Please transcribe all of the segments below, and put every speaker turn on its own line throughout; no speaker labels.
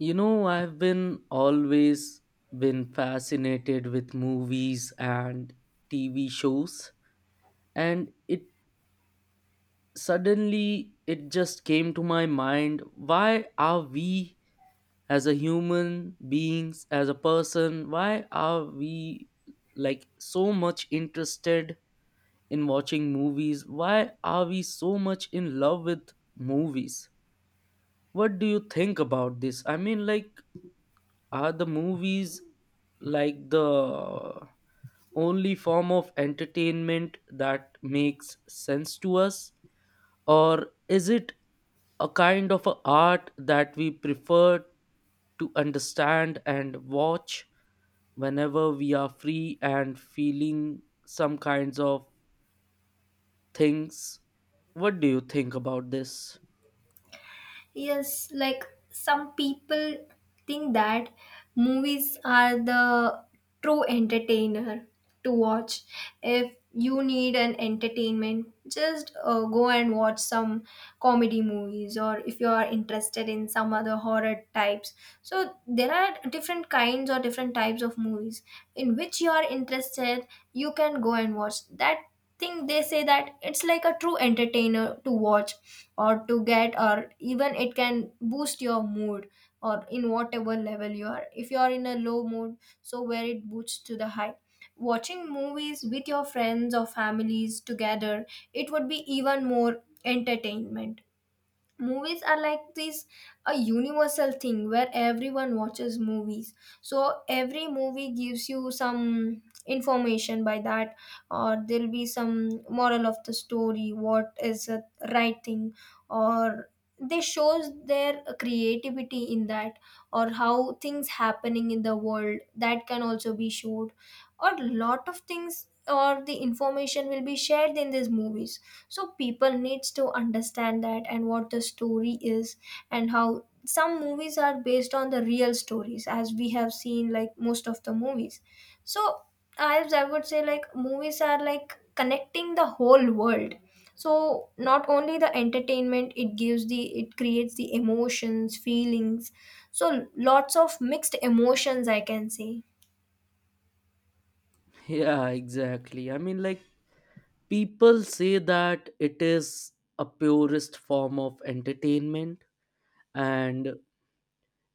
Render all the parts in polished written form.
You know, I've been always been fascinated with movies and TV shows, and it suddenly it just came to my mind, why are we as a human beings as a person why are we like, so much interested in watching movies? Why are we so much in love with movies? What do you think about this? I mean, like, are the movies, like, the only form of entertainment that makes sense to us? Or is it a kind of a art that we prefer to understand and watch whenever we are free and feeling some kinds of things? What do you think about this?
Yes, like some people think that movies are the true entertainer to watch. If you need an entertainment, just go and watch some comedy movies, or if you are interested in some other horror types, so there are different kinds or different types of movies in which you are interested, you can go and watch that thing. They say that it's like a true entertainer to watch or to get, or even it can boost your mood or in whatever level you are. If you are in a low mood, so where it boosts to the high, watching movies with your friends or families together, it would be even more entertainment. Movies are like this, a universal thing where everyone watches movies. So every movie gives you some information by that, or there'll be some moral of the story, what is a right thing, or they shows their creativity in that, or how things happening in the world that can also be showed, or lot of things or the information will be shared in these movies. So people needs to understand that and what the story is, and how some movies are based on the real stories, as we have seen like most of the movies. So as I would say, like, movies are like connecting the whole world. So not only the entertainment it gives, the it creates the emotions, feelings. So lots of mixed emotions, I can say.
Yeah, exactly. I mean, like, people say that it is a purest form of entertainment, and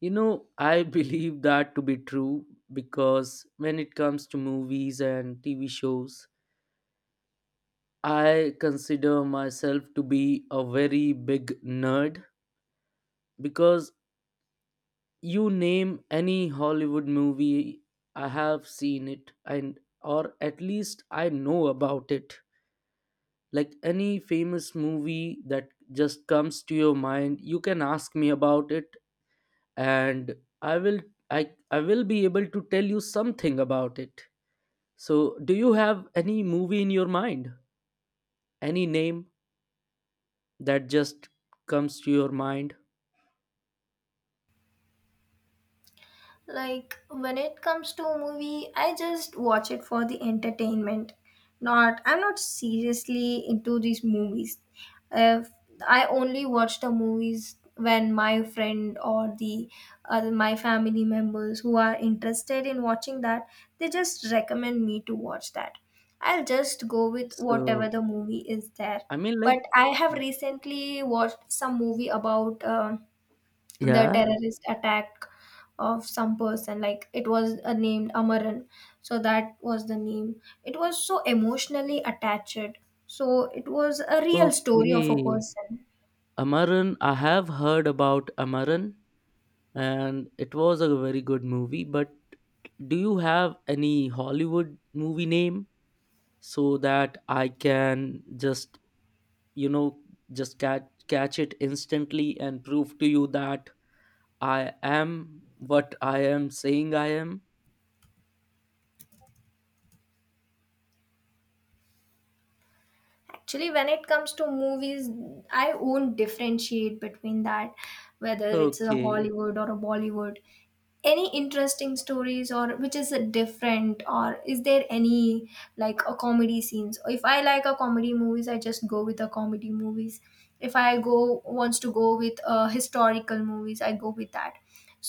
you know, I believe that to be true, because when it comes to movies and TV shows, I consider myself to be a very big nerd, because you name any Hollywood movie, I have seen it, and or at least I know about it. Like any famous movie that just comes to your mind, you can ask me about it, and i will i I will be able to tell you something about it. So do you have any movie in your mind, any name, that just comes to your mind?
Like when it comes to a movie, I just watch it for the entertainment. Not I'm not seriously into these movies. If I only watch the movies when my friend or the other my family members who are interested in watching that, they just recommend me to watch that. I'll just go with whatever
So,
the movie is there.
I mean,
But
like,
I have recently watched some movie about the
yeah,
terrorist attack of some person, like it was named Amaran. So that was the name. It was so emotionally attached. So it was a real story of
okay,
a person.
Amaran, I have heard about Amaran, and it was a very good movie, but do you have any Hollywood movie name, so that I can just, you know, just catch it instantly and prove to you that I am what I am saying I am.
Actually, when it comes to movies, I won't differentiate between that, whether it's a
Okay.
Hollywood or a Bollywood. Any interesting stories or which is a different, or is there any like a comedy scenes? If I like a comedy movies, I just go with the comedy movies. If I go wants to go with historical movies, I go with that.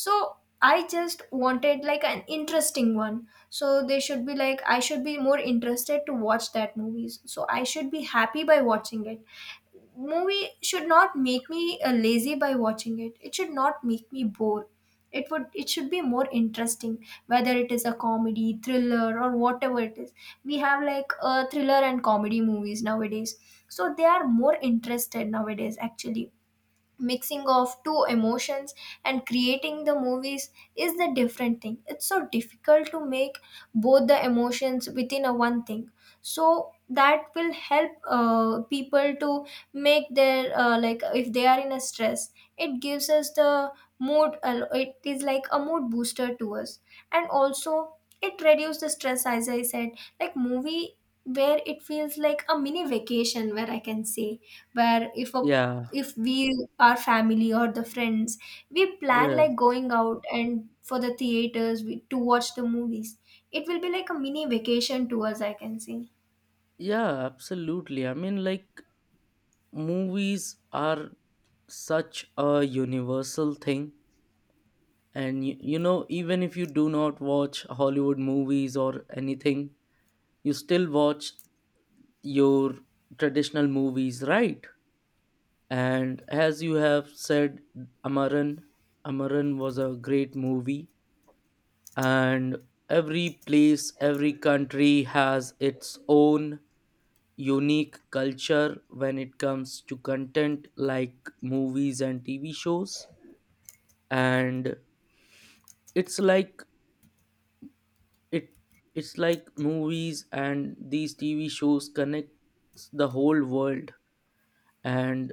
So I just wanted like an interesting one, so they should be like I should be more interested to watch that movies, so I should be happy by watching it. Movie should not make me lazy by watching it, it should not make me bored. It would, it should be more interesting whether it is a comedy, thriller, or whatever it is. We have like thriller and comedy movies nowadays, so they are more interested nowadays. Actually, mixing of two emotions and creating the movies is the different thing. It's so difficult to make both the emotions within a one thing. So that will help people to make their like if they are in a stress, it gives us the mood it is like a mood booster to us, and also it reduces the stress, as I said. Like movie, where it feels like a mini vacation, where I can say, where if a,
Yeah.
if we our family or the friends, we plan
Yes.
like going out and for the theaters we, to watch the movies, it will be like a mini vacation to us, I can say.
Yeah, absolutely. I mean, like, movies are such a universal thing. And you know, even if you do not watch Hollywood movies or anything, you still watch your traditional movies, right? And as you have said, Amaran, Amaran was a great movie, and every place, every country has its own unique culture when it comes to content like movies and TV shows. And it's like it, it's like movies and these TV shows connects the whole world, and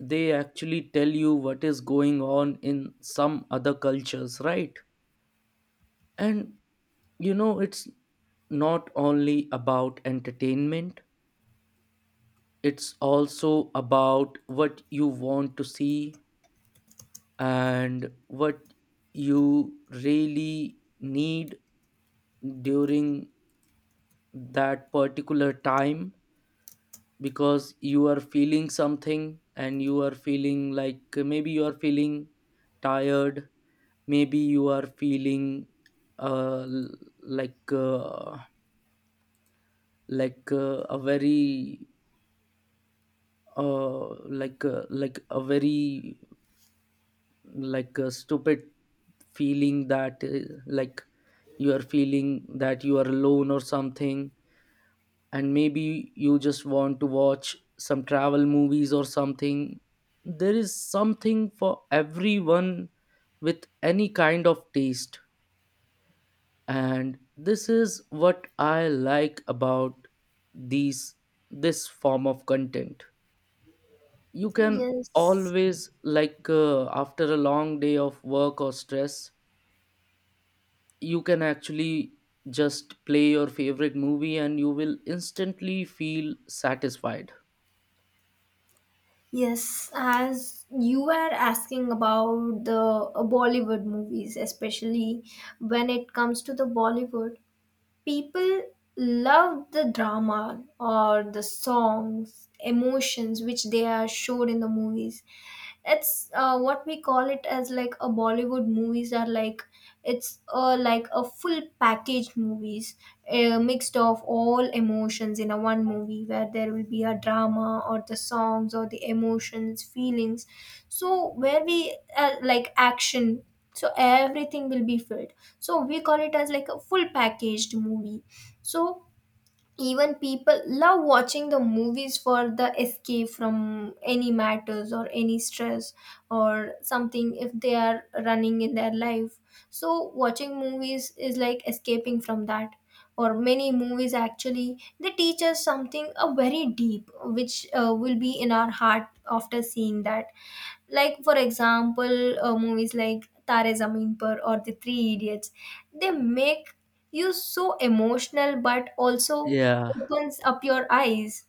they actually tell you what is going on in some other cultures, right? And you know, it's not only about entertainment, it's also about what you want to see and what you really need during that particular time, because you are feeling something, and you are feeling like maybe you are feeling tired, maybe you are feeling l- like uh, like a very uh like a very like a stupid feeling, that like, you are feeling that you are alone or something, and maybe you just want to watch some travel movies or something. There is something for everyone with any kind of taste, and this is what I like about these, this form of content. You can
Yes.
always, like after a long day of work or stress, you can actually just play your favorite movie and you will instantly feel satisfied.
Yes, as you were asking about the Bollywood movies, especially when it comes to the Bollywood, people love the drama or the songs, emotions which they are showed in the movies. It's what we call it as like a Bollywood movies are like, it's like a full packaged movies, mixed of all emotions in a one movie where there will be a drama or the songs or the emotions, feelings. So where we like action, so everything will be filled, so we call it as like a full packaged movie. So even people love watching the movies for the escape from any matters or any stress, or something if they are running in their life. So watching movies is like escaping from that, or many movies actually they teach us something very deep which will be in our heart after seeing that. Like for example, movies like Tare Zameen Par or The Three Idiots, they make you so emotional but also
Yeah.
opens up your eyes.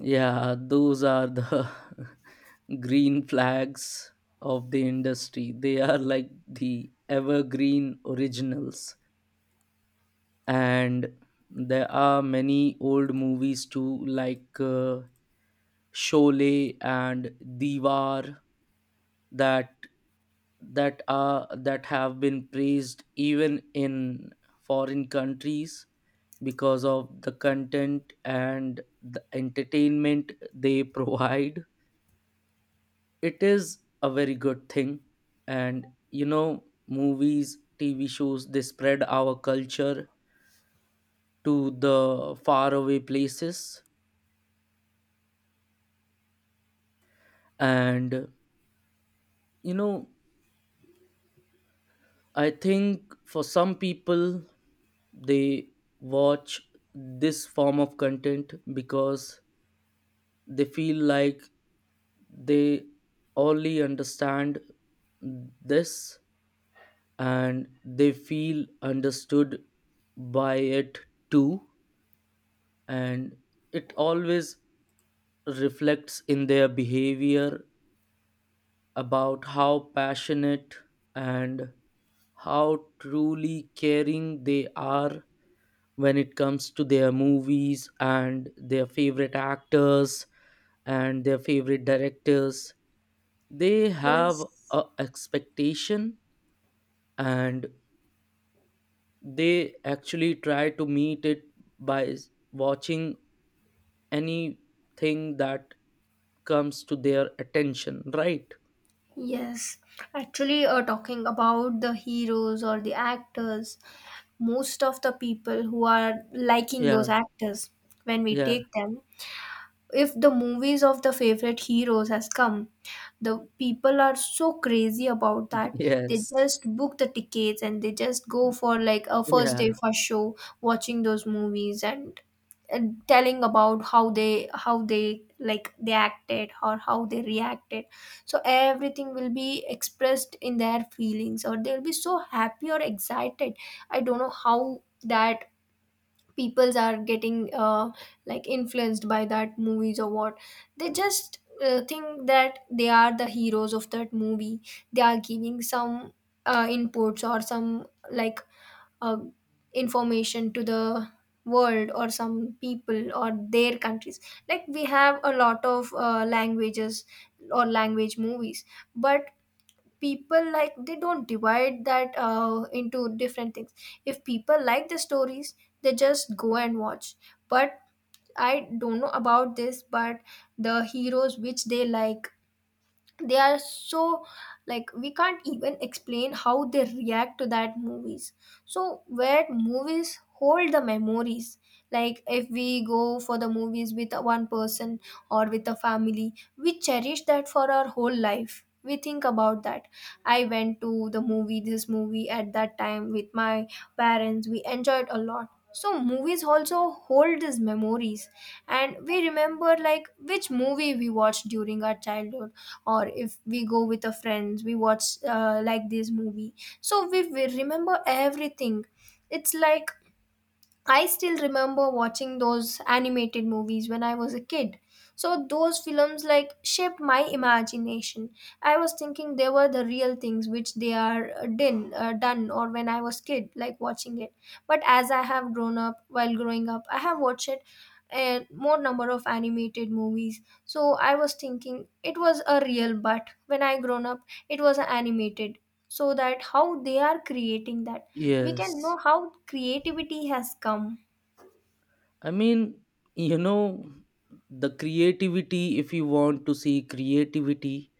Yeah, those are the green flags of the industry. They are like the evergreen originals, and there are many old movies too, like Sholay and Diwar, that that are that have been praised even in foreign countries because of the content and the entertainment they provide. It is a very good thing. And you know, movies, TV shows, they spread our culture to the faraway places. And you know, I think for some people, they watch this form of content because they feel like they only understand this, and they feel understood by it too. And it always reflects in their behavior about how passionate and how truly caring they are when it comes to their movies and their favorite actors and their favorite directors. They have
Yes.
a expectation, and they actually try to meet it by watching anything that comes to their attention, right?
Yes. Actually, talking about the heroes or the actors, most of the people who are liking those
Yeah.
actors, when we
Yeah.
take them, if the movies of the favorite heroes has come, the people are so crazy about that. They
Yes.
just book the tickets and they just go for like a first day
Yeah.
first show, watching those movies, and telling about how they, how they like they acted or how they reacted. So everything will be expressed in their feelings, or they'll be so happy or excited. I don't know how that peoples are getting like influenced by that movies or what. They just think that they are the heroes of that movie. They are giving some inputs or some like, uh, information to the world or some people or their countries. Like we have a lot of languages or language movies, but people like they don't divide that into different things. If people like the stories, they just go and watch. But I don't know about this, but the heroes which they like, they are so, like we can't even explain how they react to that movies. So where movies hold the memories, like if we go for the movies with a one person or with a family, we cherish that for our whole life. We think about that. I went to the movie, this movie at that time with my parents, we enjoyed a lot. So movies also hold these memories, and we remember like which movie we watched during our childhood, or if we go with a friends, we watch like this movie. So we remember everything. It's like, I still remember watching those animated movies when I was a kid. So those films like shaped my imagination. I was thinking they were the real things which they are done, or when I was kid like watching it. But as I have grown up, while growing up I have watched it, and more number of animated movies, so I was thinking it was a real, but when I grown up, it was a animated. So that how they are creating that, we can know
Yes.
how creativity has come.
I mean, you know, the creativity, if you want to see creativity,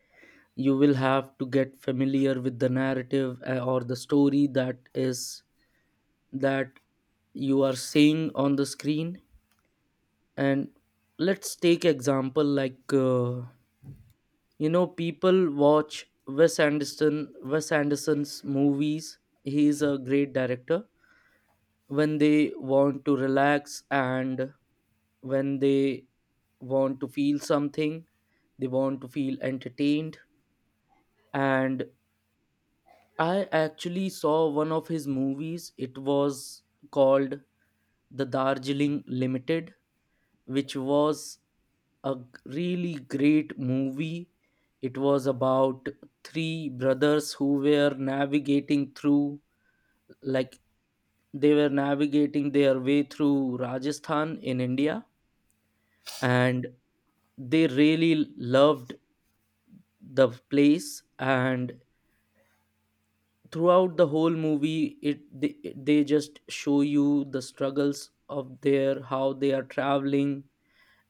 you will have to get familiar with the narrative or the story that is that you are seeing on the screen. And let's take example like you know, people watch Wes Anderson, Wes Anderson's movies. He is a great director. When they want to relax and when they want to feel something, they want to feel entertained. And I actually saw one of his movies. It was called The Darjeeling Limited, which was a g- really great movie. It was about three brothers who were navigating through, like, they were navigating their way through Rajasthan in India. And they really loved the place, and throughout the whole movie, they just show you the struggles of their, how they are traveling,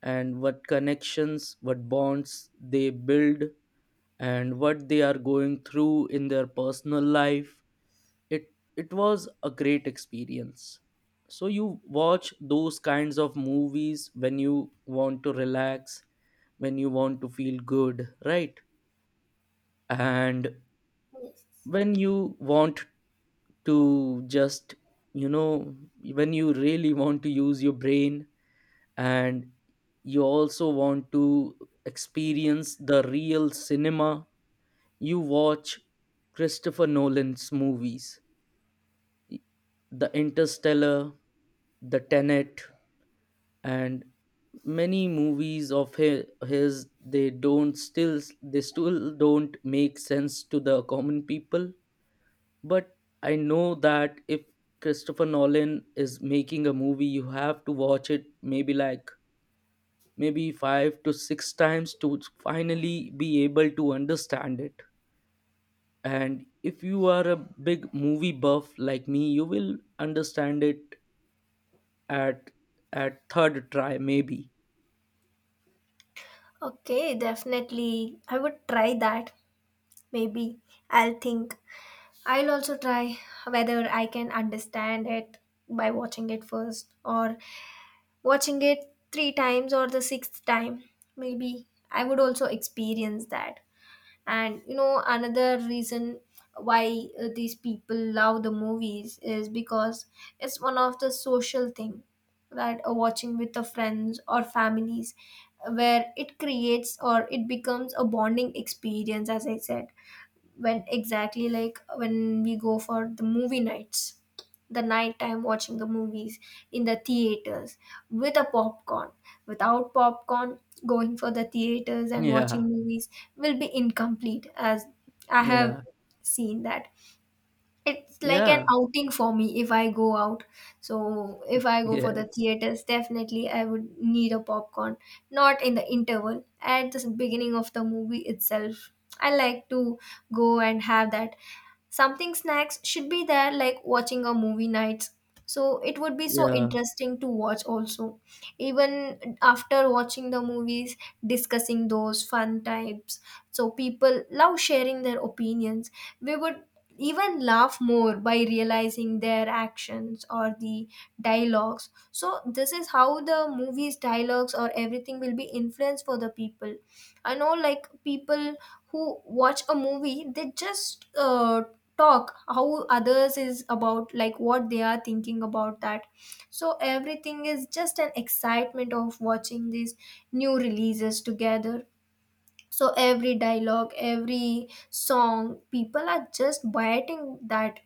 and what connections, what bonds they build, and what they are going through in their personal life. It was a great experience. So you watch those kinds of movies when you want to relax, when you want to feel good, right? And when you want to just, you know, when you really want to use your brain, and you also want to experience the real cinema, you watch Christopher Nolan's movies, the Interstellar, the Tenet, and many movies of his. They still don't make sense to the common people, but I know that if Christopher Nolan is making a movie, you have to watch it maybe like, maybe 5 to 6 times to finally be able to understand it. And if you are a big movie buff like me, you will understand it at at third try maybe.
Okay, definitely I would try that. Maybe I'll think, I'll also try whether I can understand it by watching it first or watching it three times or the sixth time. Maybe I would also experience that. And you know another reason why these people love the movies is because it's one of the social thing, that watching with the friends or families, where it creates or it becomes a bonding experience, as I said. When exactly, like when we go for the movie nights, the nighttime watching the movies in the theaters with a popcorn, without popcorn, going for the theaters and
Yeah.
watching movies will be incomplete, as I have
Yeah.
seen that. It's like an
Yeah.
outing for me if I go out. So if I go for the
Yes.
theaters, definitely I would need a popcorn. Not in the interval, at the beginning of the movie itself. I like to go and have that. Something snacks should be there, like watching a movie night. So it would be so
Yeah.
interesting to watch also. Even after watching the movies, discussing those fun types. So people love sharing their opinions. We would even laugh more by realizing their actions or the dialogues. So this is how the movies dialogues or everything will be influenced for the people. I know like people who watch a movie, they just talk how others is about, like what they are thinking about that. So everything is just an excitement of watching these new releases together. So every dialogue, every song, people are just biting that.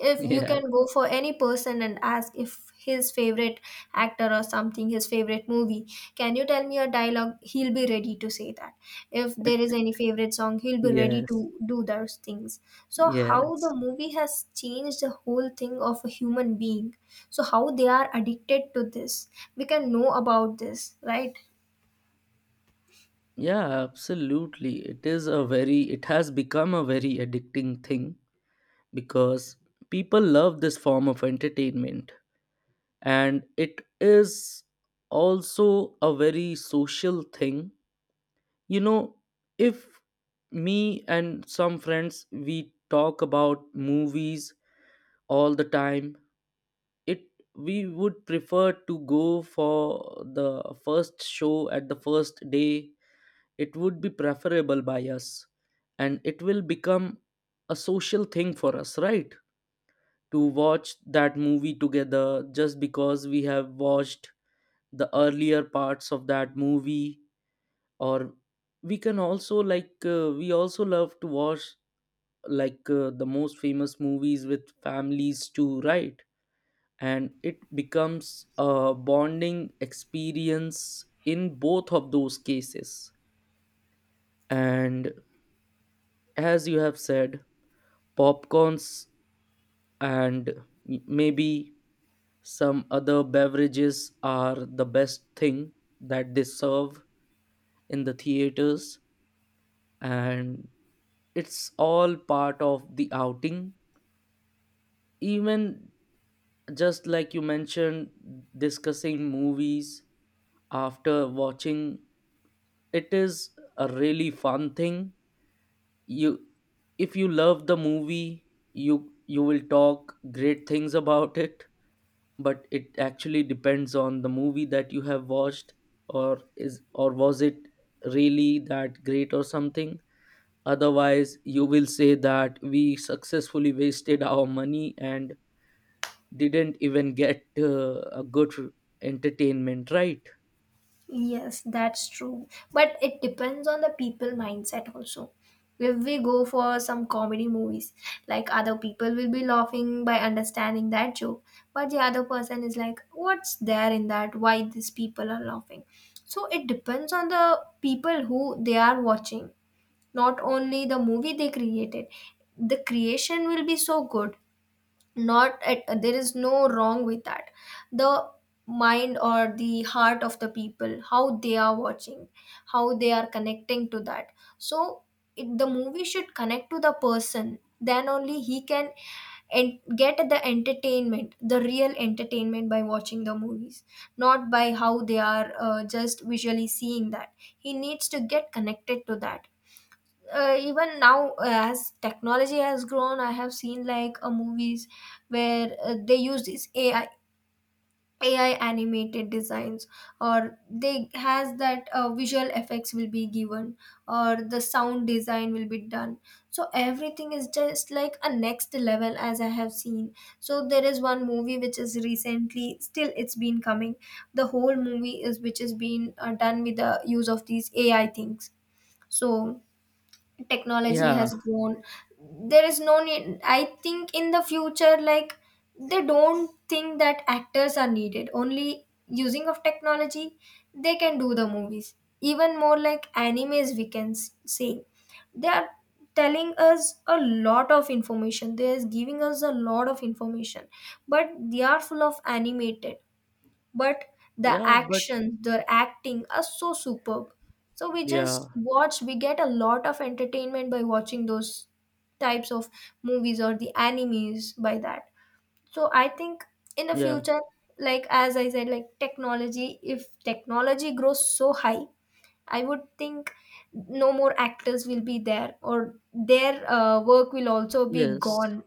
If you
Yeah.
can go for any person and ask if his favorite actor or something, his favorite movie, can you tell me a dialogue, he'll be ready to say that. If there is any favorite song, he'll be ready
Yes.
to do those things. So how the
Yes.
movie has changed the whole thing of a human being, so how they are addicted to this, we can know about this, right?
Yeah, absolutely. It is a very, it has become a very addicting thing, because people love this form of entertainment. And it is also a very social thing. You know, if me and some friends, we talk about movies all the time, it, we would prefer to go for the first show at the first day. It would be preferable by us, and it will become a social thing for us, right, to watch that movie together, just because we have watched the earlier parts of that movie. Or we can also like, we also love to watch like, the most famous movies with families too, right? And it becomes a bonding experience in both of those cases. And as you have said, popcorns and maybe some other beverages are the best thing that they serve in the theaters, and it's all part of the outing. Even just like you mentioned, discussing movies after watching, it is a really fun thing. You, if you love the movie, you will talk great things about it, but it actually depends on the movie that you have watched, or is, or was it really that great or something. Otherwise you will say that we successfully wasted our money and didn't even get a good entertainment, right?
Yes, that's true. But it depends on the people mindset also. If we go for some comedy movies, like other people will be laughing by understanding that joke, but the other person is like, what's there in that? Why these people are laughing? So it depends on the people who they are watching, not only the movie they created. The creation will be so good, not at, there is no wrong with that. The mind or the heart of the people, how they are watching, how they are connecting to that. So it, the movie should connect to the person, then only he can and get the entertainment, the real entertainment by watching the movies, not by how they are just visually seeing that. He needs to get connected to that. Even now as technology has grown, I have seen like movies where they use this AI, AI animated designs, or they has that visual effects will be given, or the sound design will be done. So everything is just like a next level, as I have seen. So there is one movie which is recently still it's been coming, the whole movie is which is been done with the use of these AI things. So technology
Yeah.
has grown. There is no need, I think, in the future, like they don't think that actors are needed, only using of technology they can do the movies. Even more like animes, we can say, they are telling us a lot of information, they is giving us a lot of information, but they are full of animated. But the
Yeah, but
action, the acting are so superb. So we just
yeah.
watch, we get a lot of entertainment by watching those types of movies or the animes by that. So I think in the
Yeah.
future, like as I said, like technology, if technology grows so high, I would think no more actors will be there, or their work will also be
Yes.
gone.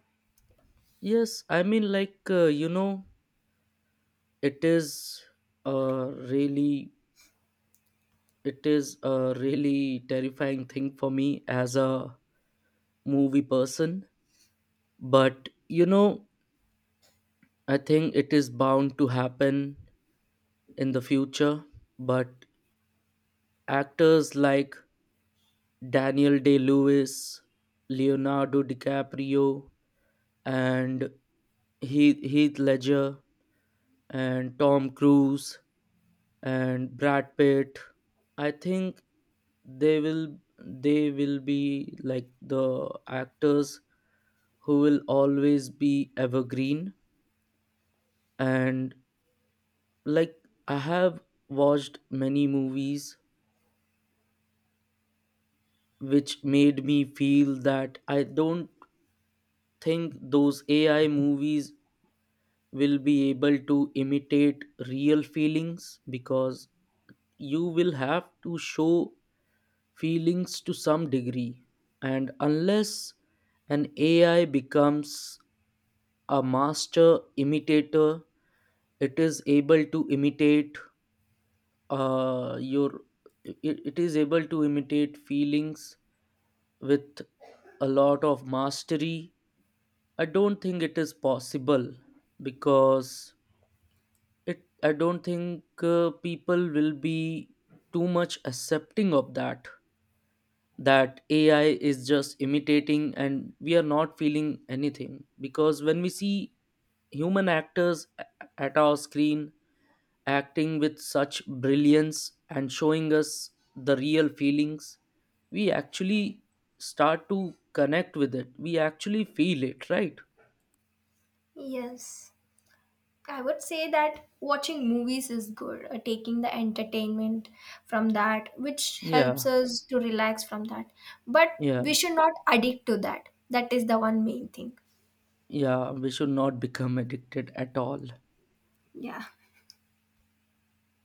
Yes, I mean, like you know, it is a really, it is a really terrifying thing for me as a movie person. But you know, I think it is bound to happen in the future. But actors like Daniel day lewis leonardo DiCaprio, and Heath Ledger, and Tom Cruise, and Brad Pitt, I think they will be like the actors who will always be evergreen. And like, I have watched many movies which made me feel that I don't think those AI movies will be able to imitate real feelings, because you will have to show feelings to some degree. And unless an AI becomes a master imitator, it is able to imitate uh, your it is able to imitate feelings with a lot of mastery, I don't think it is possible. Because it I don't think people will be too much accepting of that, that AI is just imitating and we are not feeling anything. Because when we see human actors at our screen acting with such brilliance and showing us the real feelings, we actually start to connect with it. We actually feel it, right?
Yes, I would say that watching movies is good, taking the entertainment from that, which helps
Yeah,
us to relax from that. But
yeah,
we should not addict to that. That is the one main thing.
yeah. We should not become addicted at all.
Yeah.